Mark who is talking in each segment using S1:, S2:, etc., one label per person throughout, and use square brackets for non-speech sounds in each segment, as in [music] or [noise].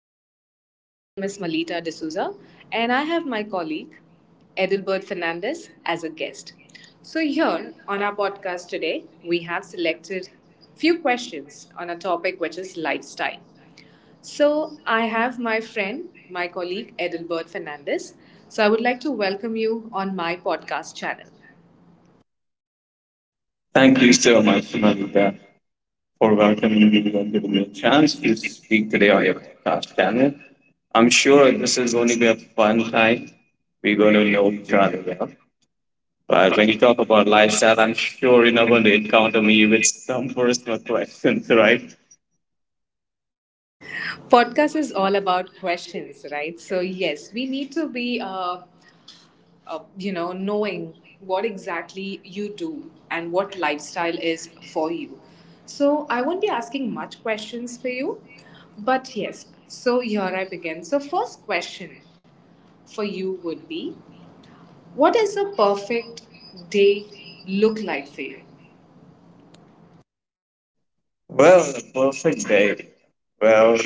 S1: podcast channel. My name is Malita D'Souza, and I have my colleague Edelbert Fernandez as a guest. So, here on our podcast today, we have selected few questions on a topic which is lifestyle. So, I have my friend, my colleague Edelbert Fernandez. So, I would like to welcome you on my podcast channel.
S2: Thank you so much, Malika, for welcoming me and giving me a chance to speak today on your podcast channel. I'm sure this is going to be a fun time. We're going to know each other well. But when you talk about lifestyle, I'm sure you're not going to encounter me with some personal questions, right?
S1: Podcast is all about questions, right? So yes, we need to be knowing what exactly you do and what lifestyle is for you. So I won't be asking much questions for you, but yes, so here I begin. So, first question for you would be, what does a perfect day look like for you?
S2: Well, a perfect day. Well,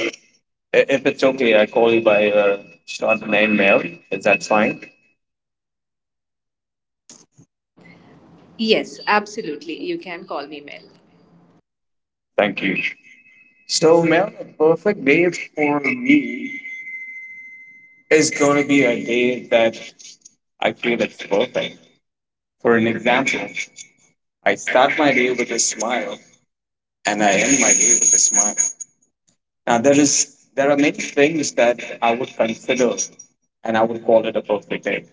S2: if it's okay, I call you by your short name, Mel. Is that fine?
S1: Yes, absolutely. You can call me Mel.
S2: Thank you. So, Mel, a perfect day for me, it's going to be a day that I feel it's perfect. For an example, I start my day with a smile and I end my day with a smile. Now there are many things that I would consider and I would call it a perfect day.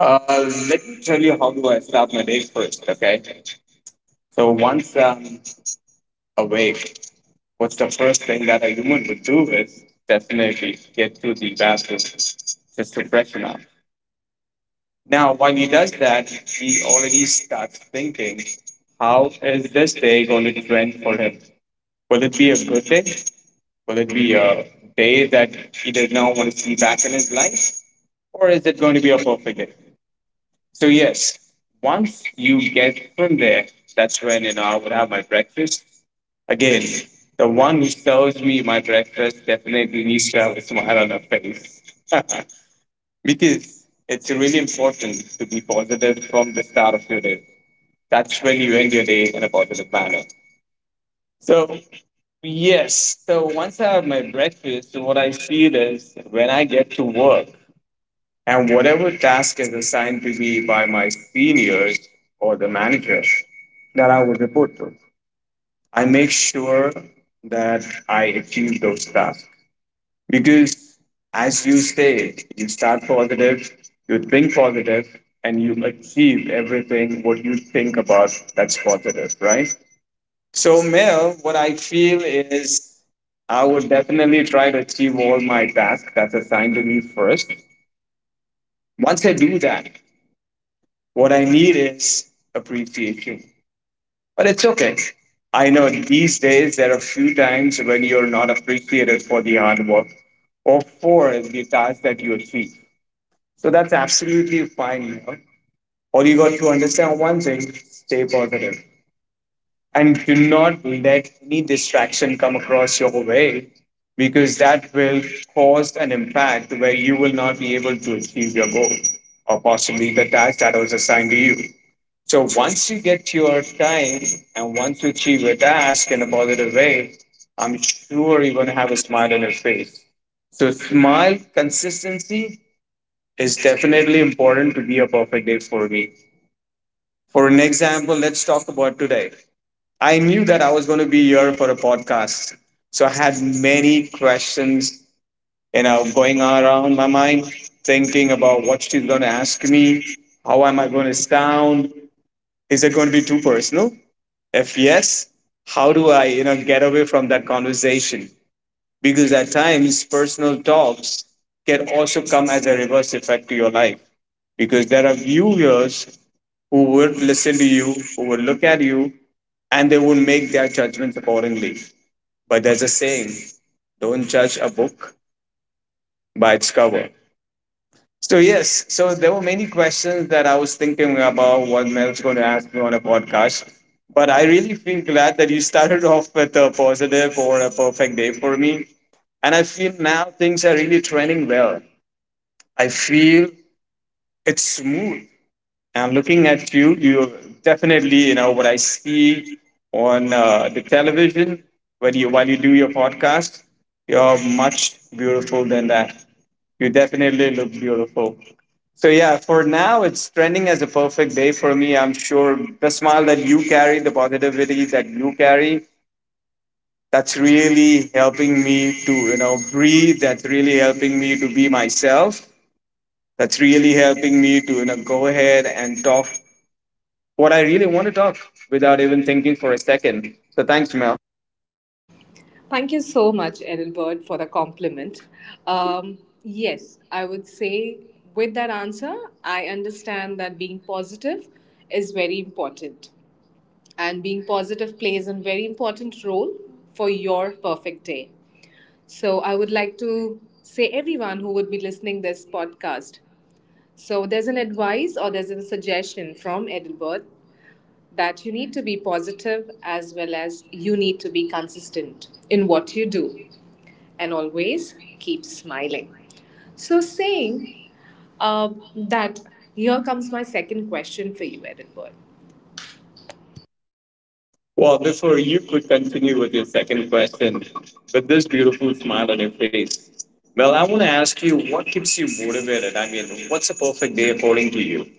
S2: Uh, Let me tell you how do I start my day first, okay? So once I'm awake, what's the first thing that a human would do is definitely get to the bathroom just to freshen up. Now, while he does that, he already starts thinking, how is this day going to trend for him? Will it be a good day? Will it be a day that he does not want to see back in his life? Or is it going to be a perfect day? So, yes, once you get from there, that's when, you know, I would have my breakfast. Again, the one who serves me my breakfast definitely needs to have a smile on her face. [laughs] Because it's really important to be positive from the start of your day. That's when you end your day in a positive manner. So, yes. So, once I have my breakfast, so what I feel is when I get to work and whatever task is assigned to me by my seniors or the manager that I will report to, I make sure that I achieve those tasks. Because as you say, you start positive, you think positive, and you achieve everything what you think about that's positive, right? So, Mel, what I feel is I would definitely try to achieve all my tasks that's assigned to me first. Once I do that, what I need is appreciation. But it's okay. I know these days there are a few times when you're not appreciated for the hard work or for the task that you achieve. So that's absolutely fine. You know? All you got to understand one thing, stay positive and do not let any distraction come across your way because that will cause an impact where you will not be able to achieve your goal or possibly the task that was assigned to you. So once you get your time and once you achieve your task in a positive way, I'm sure you're going to have a smile on your face. So smile, consistency, is definitely important to be a perfect day for me. For an example, let's talk about today. I knew that I was going to be here for a podcast. So I had many questions, you know, going around my mind, thinking about what she's going to ask me. How am I going to sound? Is it going to be too personal? If yes, how do I, you know, get away from that conversation? Because at times, personal talks can also come as a reverse effect to your life. Because there are viewers who would listen to you, who would look at you, and they would make their judgments accordingly. But there's a saying, don't judge a book by its cover. So, yes, so there were many questions that I was thinking about what Mel's going to ask me on a podcast. But I really feel glad that you started [laughs] off with a positive or a perfect day for me. And I feel now things are really trending well. I feel it's smooth. And looking at you, you definitely, you know, what I see on the television when you while you do your podcast, you're much beautiful than that. You definitely look beautiful. So yeah, for now it's trending as a perfect day for me. I'm sure the smile that you carry, the positivity that you carry, that's really helping me to, you know, breathe. That's really helping me to be myself. That's really helping me to, you know, go ahead and talk what I really want to talk without even thinking for a second. So thanks, Mel.
S1: Thank you so much, Edinburgh, for the compliment. Um, yes, I would say with that answer, I understand that being positive is very important. And being positive plays a very important role for your perfect day. So I would like to say everyone who would be listening this podcast. So there's an advice or there's a suggestion from Edinburgh that you need to be positive as well as you need to be consistent in what you do and always keep smiling. So, saying uh, that, here comes my second question for you, Edinburgh.
S2: Well, before you could continue with your second question, with this beautiful smile on your face, Mel, I want to ask you, what keeps you motivated? I mean, what's a perfect day according to you?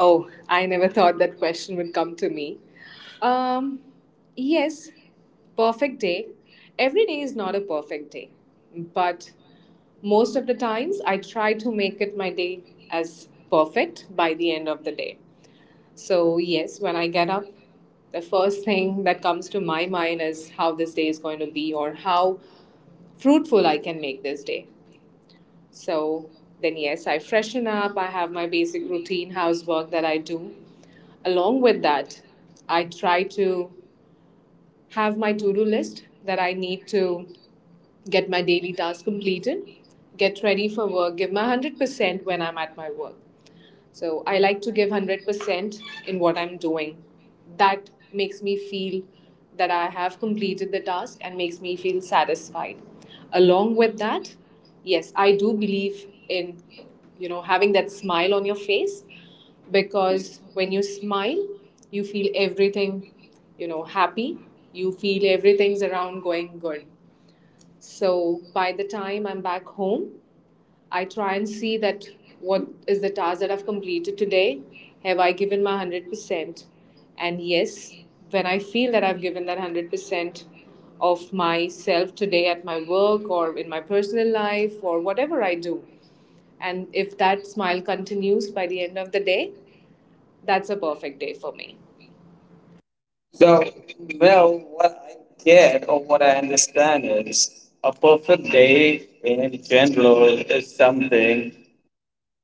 S1: Oh, I never thought that question would come to me. Um, yes, perfect day. Every day is not a perfect day, but most of the times I try to make it my day as perfect by the end of the day. So, yes, when I get up, the first thing that comes to my mind is how this day is going to be or how fruitful I can make this day. So, then, yes, I freshen up, I have my basic routine housework that I do. Along with that, I try to have my to do list that I need to get my daily tasks completed, get ready for work, give my 100% when I'm at my work. So I like to give 100% in what I'm doing. That makes me feel that I have completed the task and makes me feel satisfied. Along with that, yes, I do believe in, you know, having that smile on your face, because when you smile, you feel everything, you know, happy. You feel everything's around going good. So by the time I'm back home, I try and see that what is the task that I've completed today? Have I given my 100%? And yes, when I feel that I've given that 100% of myself today at my work or in my personal life or whatever I do, and if that smile continues by the end of the day, that's a perfect day for me.
S2: So, well, what I get or what I understand is a perfect day in general is something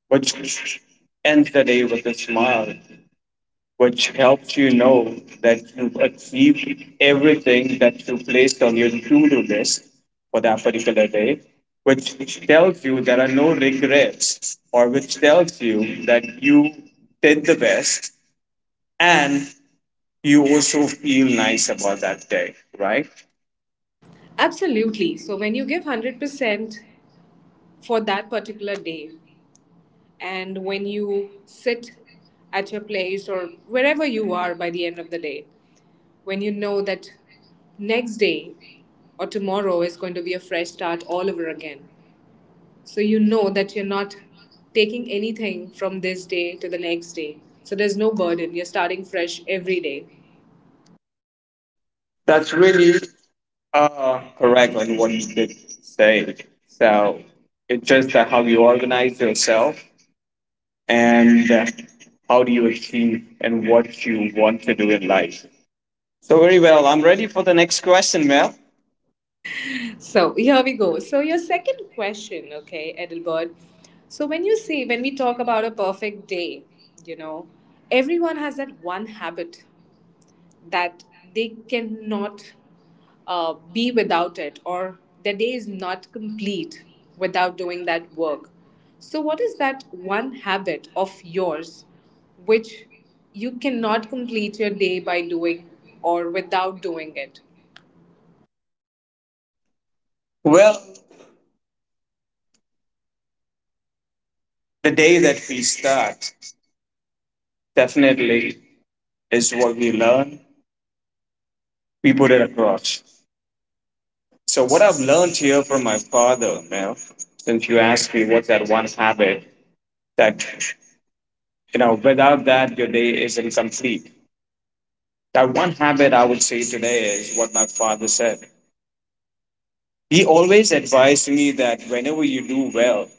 S2: which ends the day with a smile, which helps you know that you've achieved everything that you placed on your to do list for that particular day, which tells you there are no regrets, or which tells you that you did the best and you also feel nice about that day, right?
S1: Absolutely. So when you give 100% for that particular day, and when you sit at your place or wherever you are by the end of the day, when you know that next day or tomorrow is going to be a fresh start all over again. So you know that you're not taking anything from this day to the next day. So there's no burden. You're starting fresh every day.
S2: That's really correct on what you did say. So it's just that how you organize yourself and how do you achieve and what you want to do in life. So very well. I'm ready for the next question, Mel.
S1: So here we go. So your second question, okay, Edelbert. So when you see when we talk about a perfect day, you know, everyone has that one habit that they cannot be without it or their day is not complete without doing that work. So, what is that one habit of yours which you cannot complete your day by doing or without doing it?
S2: Well, the day that we start definitely is what we learn. We put it across. So what I've learned here from my father, Mel, since you asked me what's that one habit that, you know, without that your day is incomplete. That one habit I would say today is what my father said. He always advised me that whenever you do well,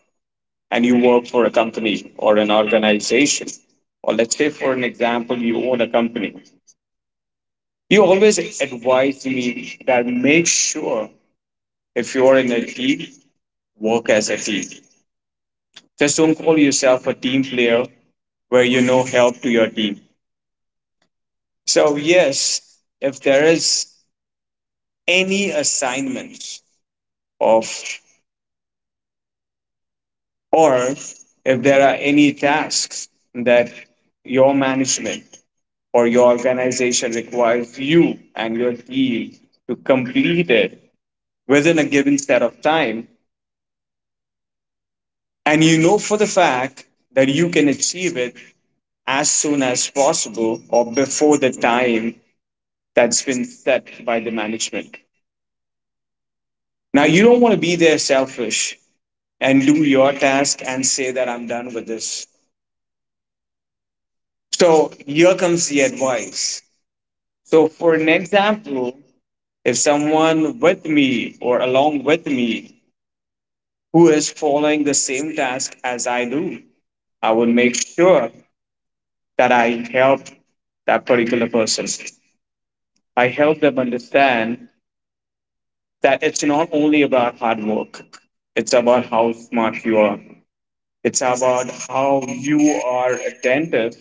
S2: and you work for a company or an organization, or let's say, for an example, you own a company, you always advise me that make sure if you're in a team, work as a team. Just don't call yourself a team player where you no help to your team. So, yes, if there is any assignments of, or if there are any tasks that your management or your organization requires you and your team to complete it within a given set of time and you know for the fact that you can achieve it as soon as possible or before the time that's been set by the management, now you don't want to be there selfish and do your task and say that I'm done with this. So here comes the advice. So for an example, if someone with me or along with me who is following the same task as I do. I will make sure that I help that particular person. I help them understand that it's not only about hard work, it's about how smart you are, it's about how you are attentive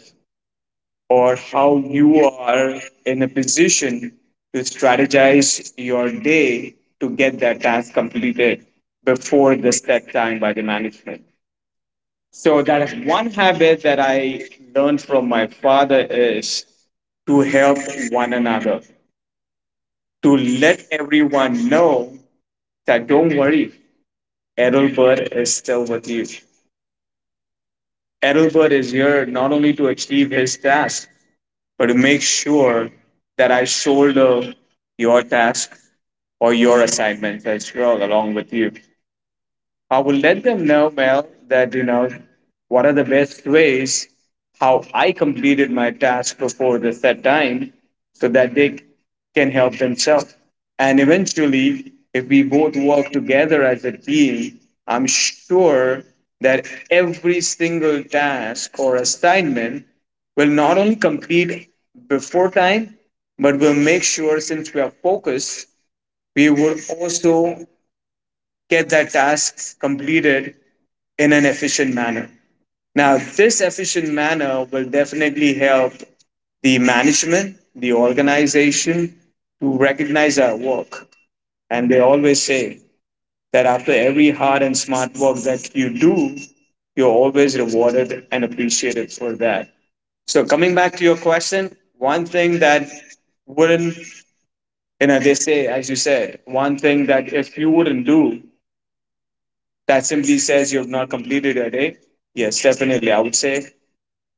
S2: or how you are in a position to strategize your day to get that task completed before the set time by the management. So that is one habit that I learned from my father, is to help one another, to let everyone know that don't worry, Ethelbert is still with you. Ethelbert is here not only to achieve his task, but to make sure that I shoulder your task or your assignments as well along with you. I will let them know, Mel, that you know what are the best ways how I completed my task before the set time, so that they can help themselves. And eventually, if we both work together as a team, I'm sure that every single task or assignment will not only complete before time, but will make sure since we are focused, we will also get that task completed in an efficient manner. Now, this efficient manner will definitely help the management, the organization to recognize our work. And they always say that after every hard and smart work that you do, you're always rewarded and appreciated for that. So, coming back to your question, one thing that wouldn't, you know, they say, as you said, one thing that if you wouldn't do, that simply says you've not completed your day. Yes, definitely. I would say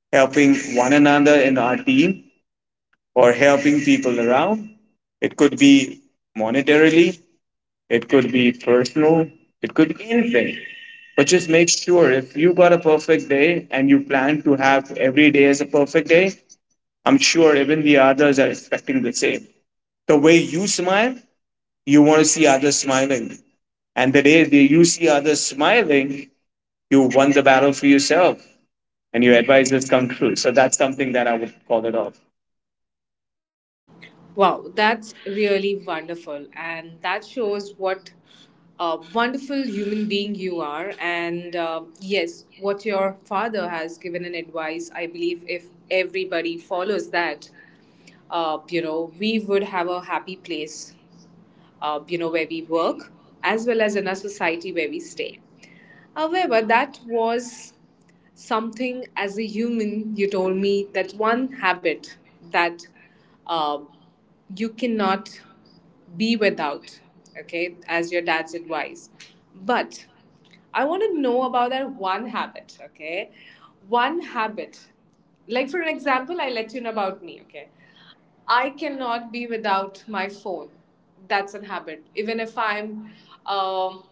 S2: helping one another in our team or helping people around. It could be monetarily, it could be personal, it could be anything. But just make sure if you got a perfect day and you plan to have every day as a perfect day, I'm sure even the others are expecting the same. The way you smile, you want to see others smiling. And the day that you see others smiling, you won the battle for yourself and your advices come true. So that's something that I would call it off.
S1: Wow, that's really wonderful. And that shows what a wonderful human being you are. And yes, what your father has given an advice, I believe if everybody follows that, you know, we would have a happy place, you know, where we work, as well as in our society where we stay. However, that was something as a human, you told me that one habit that uh, you cannot be without, okay, as your dad's advice. But I want to know about that one habit, okay? One habit. Like, for an example, I let you know about me, okay? I cannot be without my phone. That's a habit. Even if I'm um,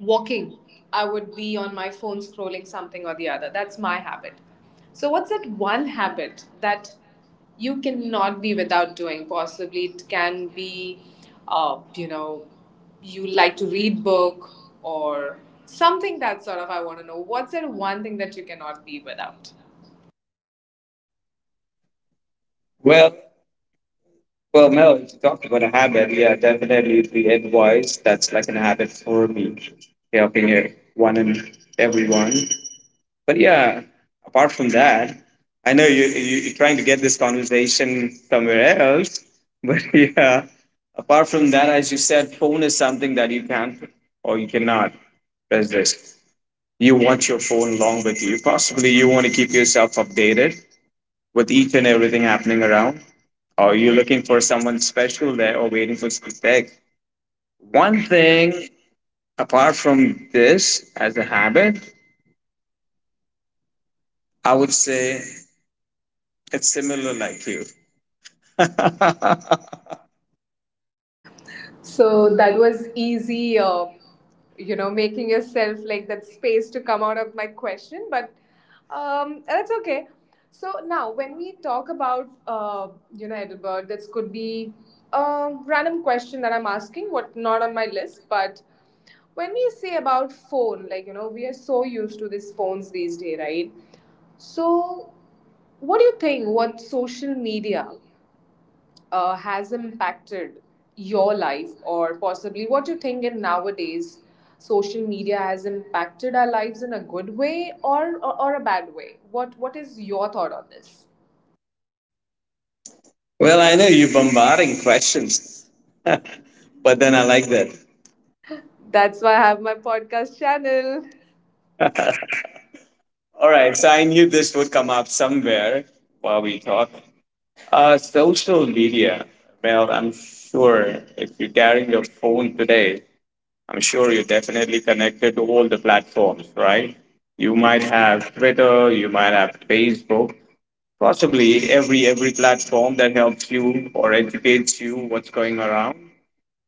S1: walking, I would be on my phone scrolling something or the other. That's my habit. So, what's that one habit that you cannot be without doing? Possibly it can be, you know, you like to read book or something that sort of I want to know. What's that one thing that you cannot be without?
S2: Well, Well, Mel, if you talk about a habit, yeah, definitely the advice that's like a habit for me, helping everyone and everyone. But yeah, apart from that, I know you're trying to get this conversation somewhere else, but [laughs] yeah, apart from that, as you said, phone is something that you can or you cannot resist. You want your phone along with you. Possibly you want to keep yourself updated with each and everything happening around. Are you looking for someone special there or waiting for some text? One thing apart from this as a habit, I would say it's similar like you. [laughs] well,
S1: So that was easy, you know, making yourself like that space to come out of my question, but that's okay. So now, when we talk about, you know, Edinburgh, this could be a random question that I'm asking, what not on my list, but when we say about phone, like, you know, we are so used to these phones these days, right? So, what do you think? What social media has impacted your life, or possibly what you think in nowadays social media has impacted our lives in a good way, or a bad way? What is your thought on this?
S2: I know you're bombarding questions, but then I like that.
S1: That's why I have my podcast channel.
S2: All right, so I knew this would come up somewhere while we talk. Social media. Well, I'm sure if you're carrying your phone today, I'm sure you're definitely connected to all the platforms, right? You might have Twitter, you might have Facebook, possibly every platform that helps you or educates you what's going around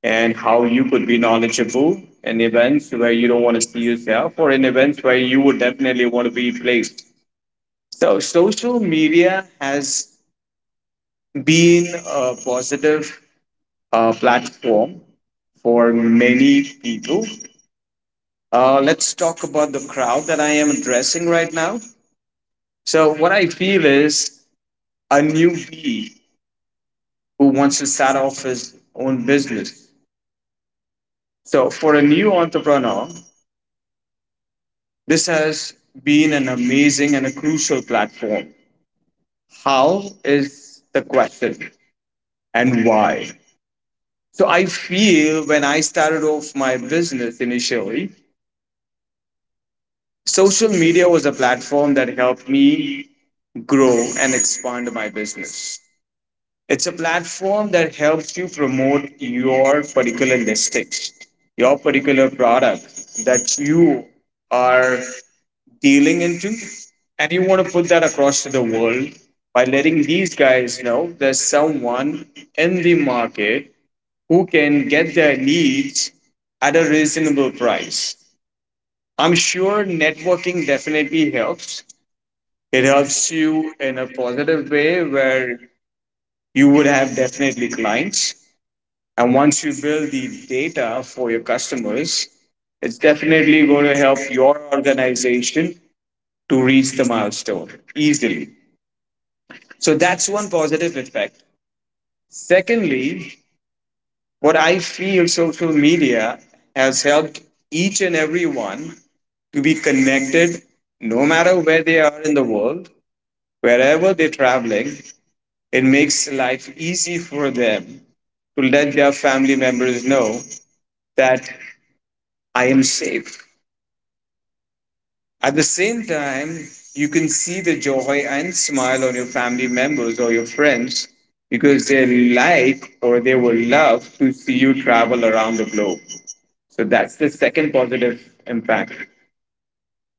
S2: and how you could be knowledgeable in events where you don't want to see yourself or in events where you would definitely want to be placed. So social media has been a positive platform for many people. Let's talk about the crowd that I am addressing right now. So, what I feel is a newbie who wants to start off his own business. So, for a new entrepreneur, this has been an amazing and a crucial platform. How is the question, and why? So, I feel when I started off my business initially, social media was a platform that helped me grow and expand my business. It's a platform that helps you promote your particular listings, your particular product that you are dealing into, and you want to put that across to the world by letting these guys know there's someone in the market who can get their leads at a reasonable price. I'm sure networking definitely helps. It helps you in a positive way where you would have definitely clients. And once you build the data for your customers, it's definitely going to help your organization to reach the milestone easily. So that's one positive effect. Secondly, what I feel social media has helped each and everyone to be connected no matter where they are in the world, wherever they're traveling, it makes life easy for them to let their family members know that I am safe. At the same time, you can see the joy and smile on your family members or your friends because they like or they will love to see you travel around the globe. So that's the second positive impact.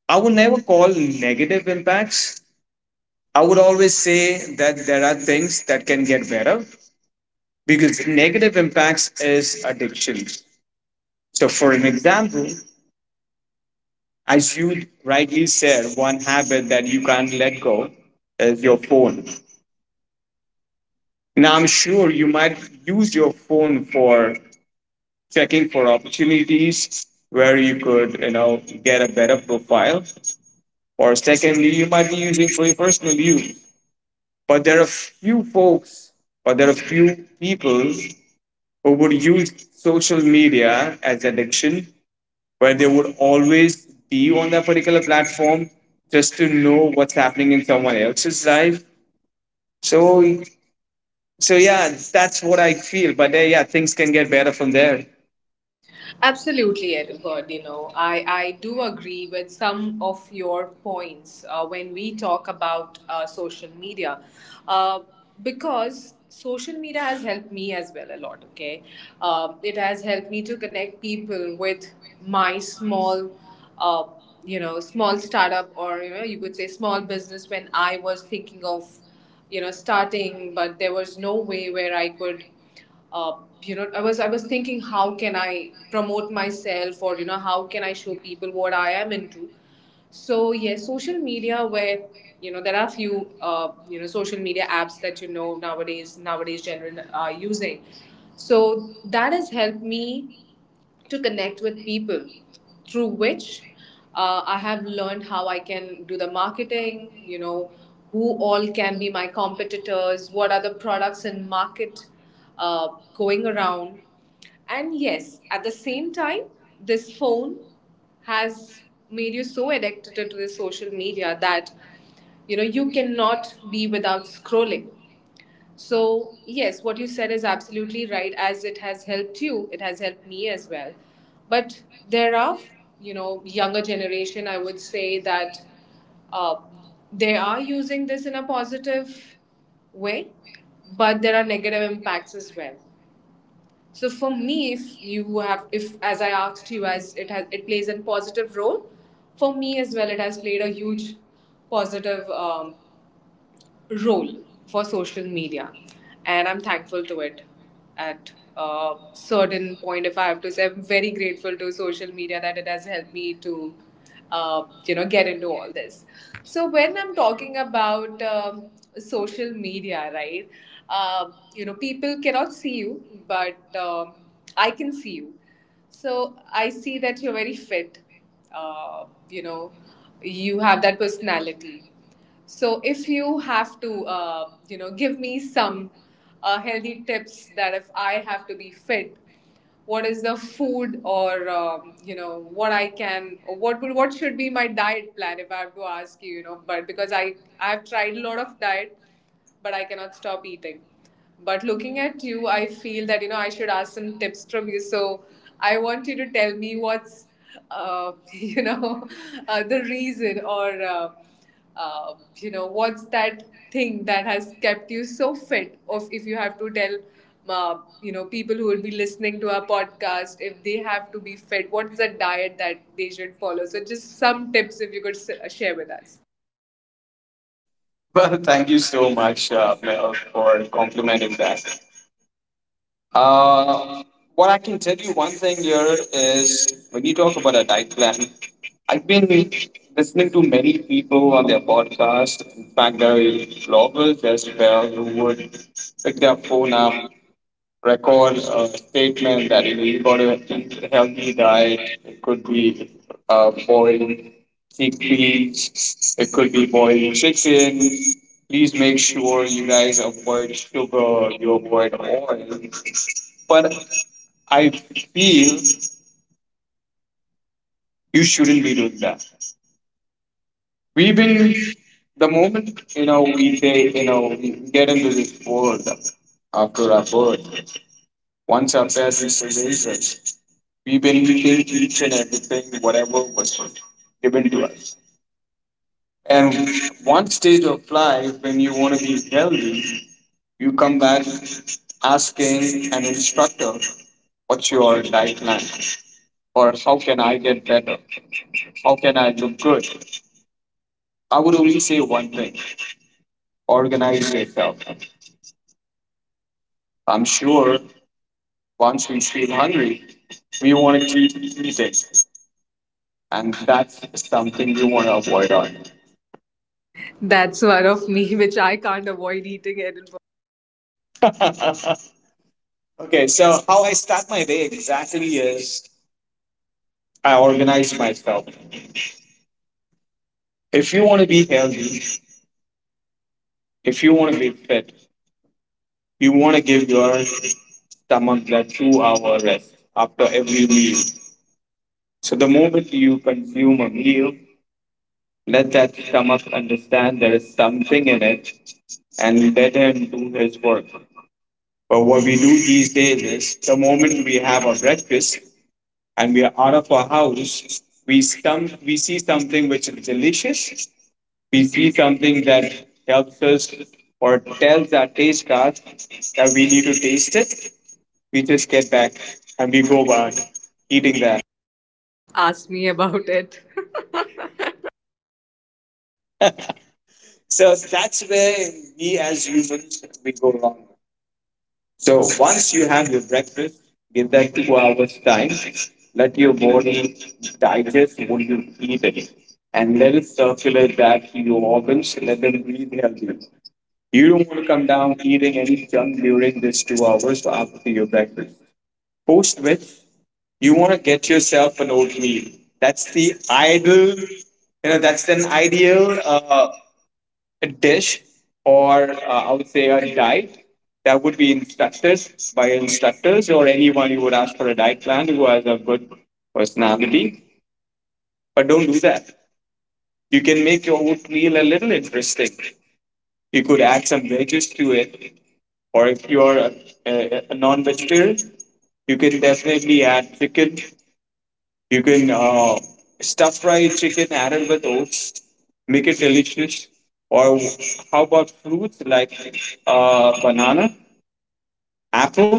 S2: I would never call negative impacts. I would always say that there are things that can get better because negative impacts is addictions. So, for an example, as you rightly said, one habit that you can't let go is your phone. Now, I'm sure you might use your phone for checking for opportunities where you could, get a better profile. Or secondly, you might be using for your personal use. But there are few folks, or there are few people who would use social media as addiction, where they would always be on that particular platform just to know what's happening in someone else's life. So, yeah, that's what I feel. But yeah, things can get better from there.
S1: Absolutely, Edward. You know, I do agree with some of your points when we talk about social media, uh, because social media has helped me as well a lot, okay? It has helped me to connect people with my small. Uh, you know, small startup, or you know, you could say small business when I was thinking of, you know, starting, but there was no way where I could, uh, you know, I was thinking, how can I promote myself, or you know, how can I show people what I am into? So yes, social media, where you know there are a few you know social media apps that you know nowadays general are using. So that has helped me to connect with people, through which I have learned how I can do the marketing, you know, who all can be my competitors, what are the products in market uh, going around. And yes, at the same time, this phone has made you so addicted to the social media that you know you cannot be without scrolling. So, yes, what you said is absolutely right. As it has helped you, it has helped me as well. But there are, you know, younger generation, I would say, that uh, they are using this in a positive way, but there are negative impacts as well. So for me, if you have, if as I asked you, as it has, it plays a positive role. For me as well, it has played a huge positive role for social media, and I'm thankful to it. At a certain point, if I have to say, I'm very grateful to social media that it has helped me to, you know, get into all this. So when I'm talking about social media, right? You know, people cannot see you, but I can see you. So I see that you're very fit. Uh, you know, you have that personality. So if you have to, you know, give me some healthy tips, that if I have to be fit, what is the food, or you know what I can, or what would, what should be my diet plan, if I have to ask you, you know, but because I have tried a lot of diet, but I cannot stop eating. But looking at you, I feel that you know I should ask some tips from you. So I want you to tell me what's [laughs] you know the reason or you know, what's that thing that has kept you so fit? Of if you have to tell, you know, people who will be listening to our podcast, if they have to be fit, what's the diet that they should follow? So just some tips if you could share with us.
S2: Well, thank you so much, Mel, for complimenting that. Uh, what I can tell you one thing here is when you talk about a diet plan, I've been listening to many people on their podcast. In fact, there are bloggers as well who would pick their phone up, record a statement that you know you got to eat a healthy diet. It could be boiled chickpeas. It could be boiled chicken. Please make sure you guys avoid sugar. You avoid oil. But I feel you shouldn't be doing that. We've been The moment you know we say you know we get into this world after our birth. Once our parents raise us, we benefited each and everything, whatever was given to us. And one stage of life when you want to be healthy, you come back asking an instructor, what's your diet plan? Or how can I get better? How can I look good? I would only say one thing: organize yourself. I'm sure once we feel hungry, we want to keep eating. And that's something we want to avoid on.
S1: That's one of me [laughs] which I can't avoid eating. Edinburgh
S2: [laughs] Okay, so how I start my day exactly is I organize myself. If you want to be healthy, if you want to be fit, you want to give your stomach that 2 hour rest after every meal. So the moment you consume a meal, let that stomach understand there is something in it and let him do his work. But what we do these days is the moment we have our breakfast and we are out of our house, we see something which is delicious, we see something that helps us or tells our taste buds that we need to taste it, we just get back and we go back eating that.
S1: asked me about it. [laughs]
S2: So that's where we as humans we go wrong. So once you have your breakfast, give that 2 hours time. Let your body digest what you eat it and let it circulate back to your organs and let them breathe healthy. You don't want to come down eating any junk during this 2 hours after your breakfast, post which you want to get yourself an oatmeal. That's the ideal, that's an ideal dish or I would say a diet that would be instructed by instructors or anyone you would ask for a diet plan who has a good personality. But don't do that. You can make your oatmeal a little interesting. You could add some veggies to it, or if you are a non-vegetarian, you can definitely add chicken. You can stuff fry chicken added with oats, make it delicious. Or how about fruits like banana, apple?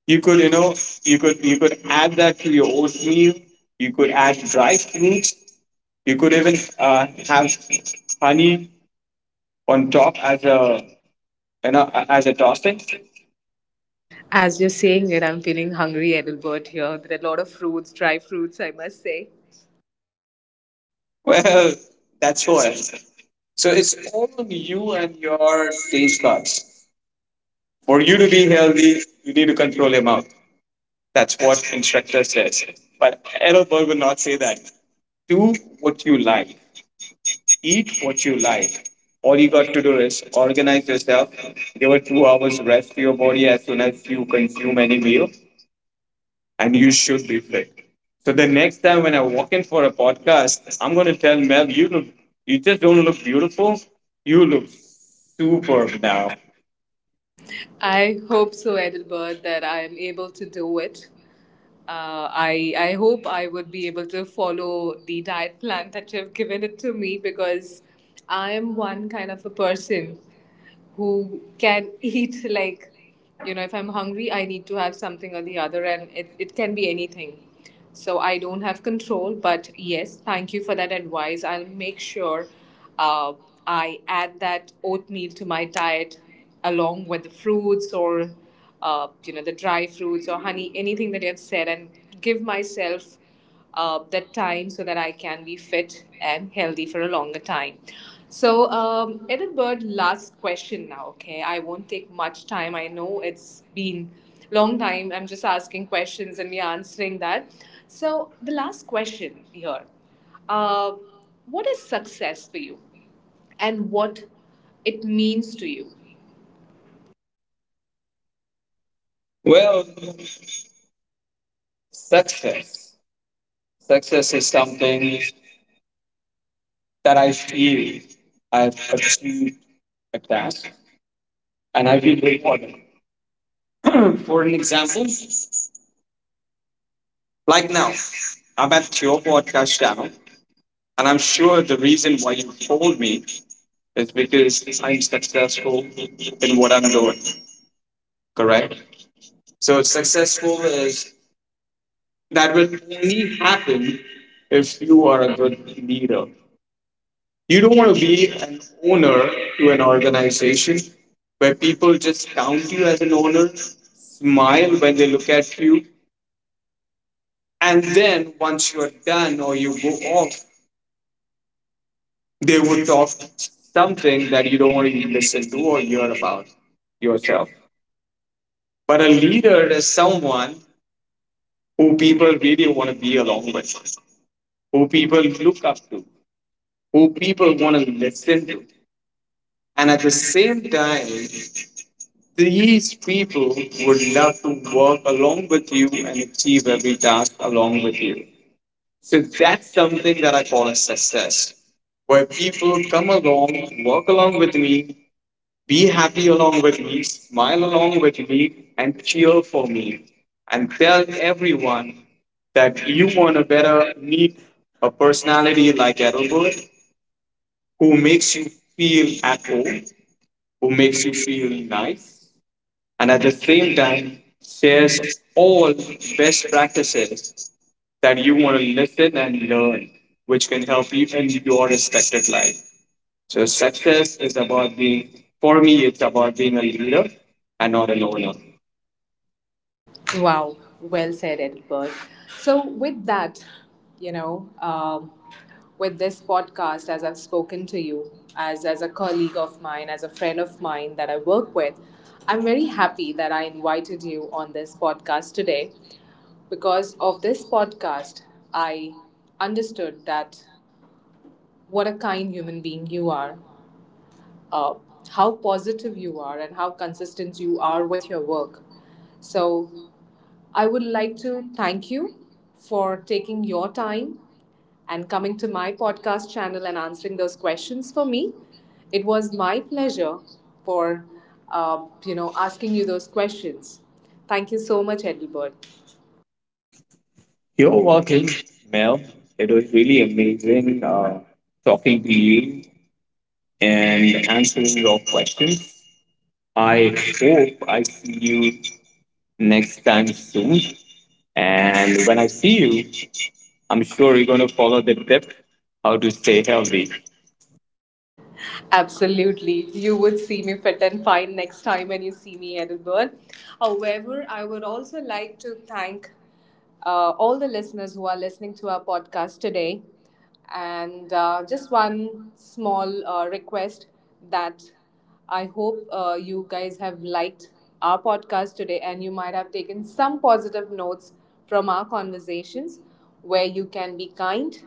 S2: You could you know you could add that to your oatmeal. You could add dry fruits. You could even have honey on top as a as a topping. [laughs]
S1: As you're saying it, I'm feeling hungry, Edelbert, here. There are a lot of fruits, dry fruits, I must say.
S2: Well, that's what. So it's all on you and your taste buds. For you to be healthy, you need to control your mouth. That's what instructor says. But Adelberg would not say that. Do what you like. Eat what you like. All you got to do is organize yourself. Give a 2 hours rest to your body as soon as you consume any meal, and you should be fit. So the next time when I walk in for a podcast, I'm gonna tell Mel, you look, you just don't look beautiful. You look superb now.
S1: I hope so, Edelbert, that I am able to do it. I hope I would be able to follow the diet plan that you've given it to me, because I am one kind of a person who can [laughs] eat like, you know, if I'm hungry I need to have something or the other, and it can be anything, so I don't have control, but yes, thank you for that advice. I'll make sure uh, I add that oatmeal to my diet along with the fruits, or you know, the dry fruits or honey, anything that you have said, and give myself that time so that I can be fit and healthy for a longer time. So, Edinburgh, last question now, okay? I won't take much time. I know it's been long time. I'm just asking questions and we're answering that. So, the last question here, uh, what is success for you and what it means to you?
S2: Well, success. Success is something that I feel I've achieved a task and I feel rewarded. [clears throat] For an example, like now, I'm at your podcast channel and I'm sure the reason why you told me is because I'm successful in what I'm doing, correct? So successful is, that will only happen if you are a good leader. You don't want to be an owner to an organization where people just count you as an owner, smile when they look at you, and then once you're done or you go off, they would talk something that you don't want to listen to or hear about yourself. But a leader is someone who people really want to be along with, who people look up to, who people want to listen to. And at the same time, these people would love to work along with you and achieve every task along with you. So that's something that I call a success, where people come along, work along with me, be happy along with me, smile along with me, and cheer for me, and tell everyone that you want a better meet, a personality like Edelbert who makes you feel at home, who makes you feel nice, and at the same time shares all best practices that you want to listen and learn, which can help you in your respected life. So success is about being, for me, it's about being a leader and not an owner.
S1: Wow, well said, Edward. So, with that, you know, um, with this podcast, as I've spoken to you, as a colleague of mine, as a friend of mine that I work with, I'm very happy that I invited you on this podcast today. Because of this podcast, I understood that what a kind human being you are, uh, how positive you are, and how consistent you are with your work. So I would like to thank you for taking your time and coming to my podcast channel and answering those questions for me. It was my pleasure for you know asking you those questions. Thank you so much, Edelbert.
S2: You're welcome, Mel. It was really amazing talking to you and answering your questions. I hope I see you next time soon. And when I see you, I'm sure you're going to follow the tip how to stay healthy.
S1: Absolutely. You would see me fit and fine next time when you see me, Edinburgh. However, I would also like to thank all the listeners who are listening to our podcast today. And just one small request that I hope you guys have liked our podcast today, and you might have taken some positive notes from our conversations where you can be kind,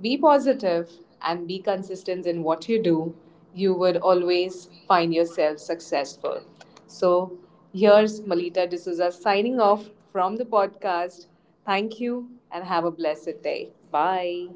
S1: be positive, and be consistent in what you do. You would always find yourself successful. So, here's Malita D'Souza signing off from the podcast. Thank you and have a blessed day. Bye.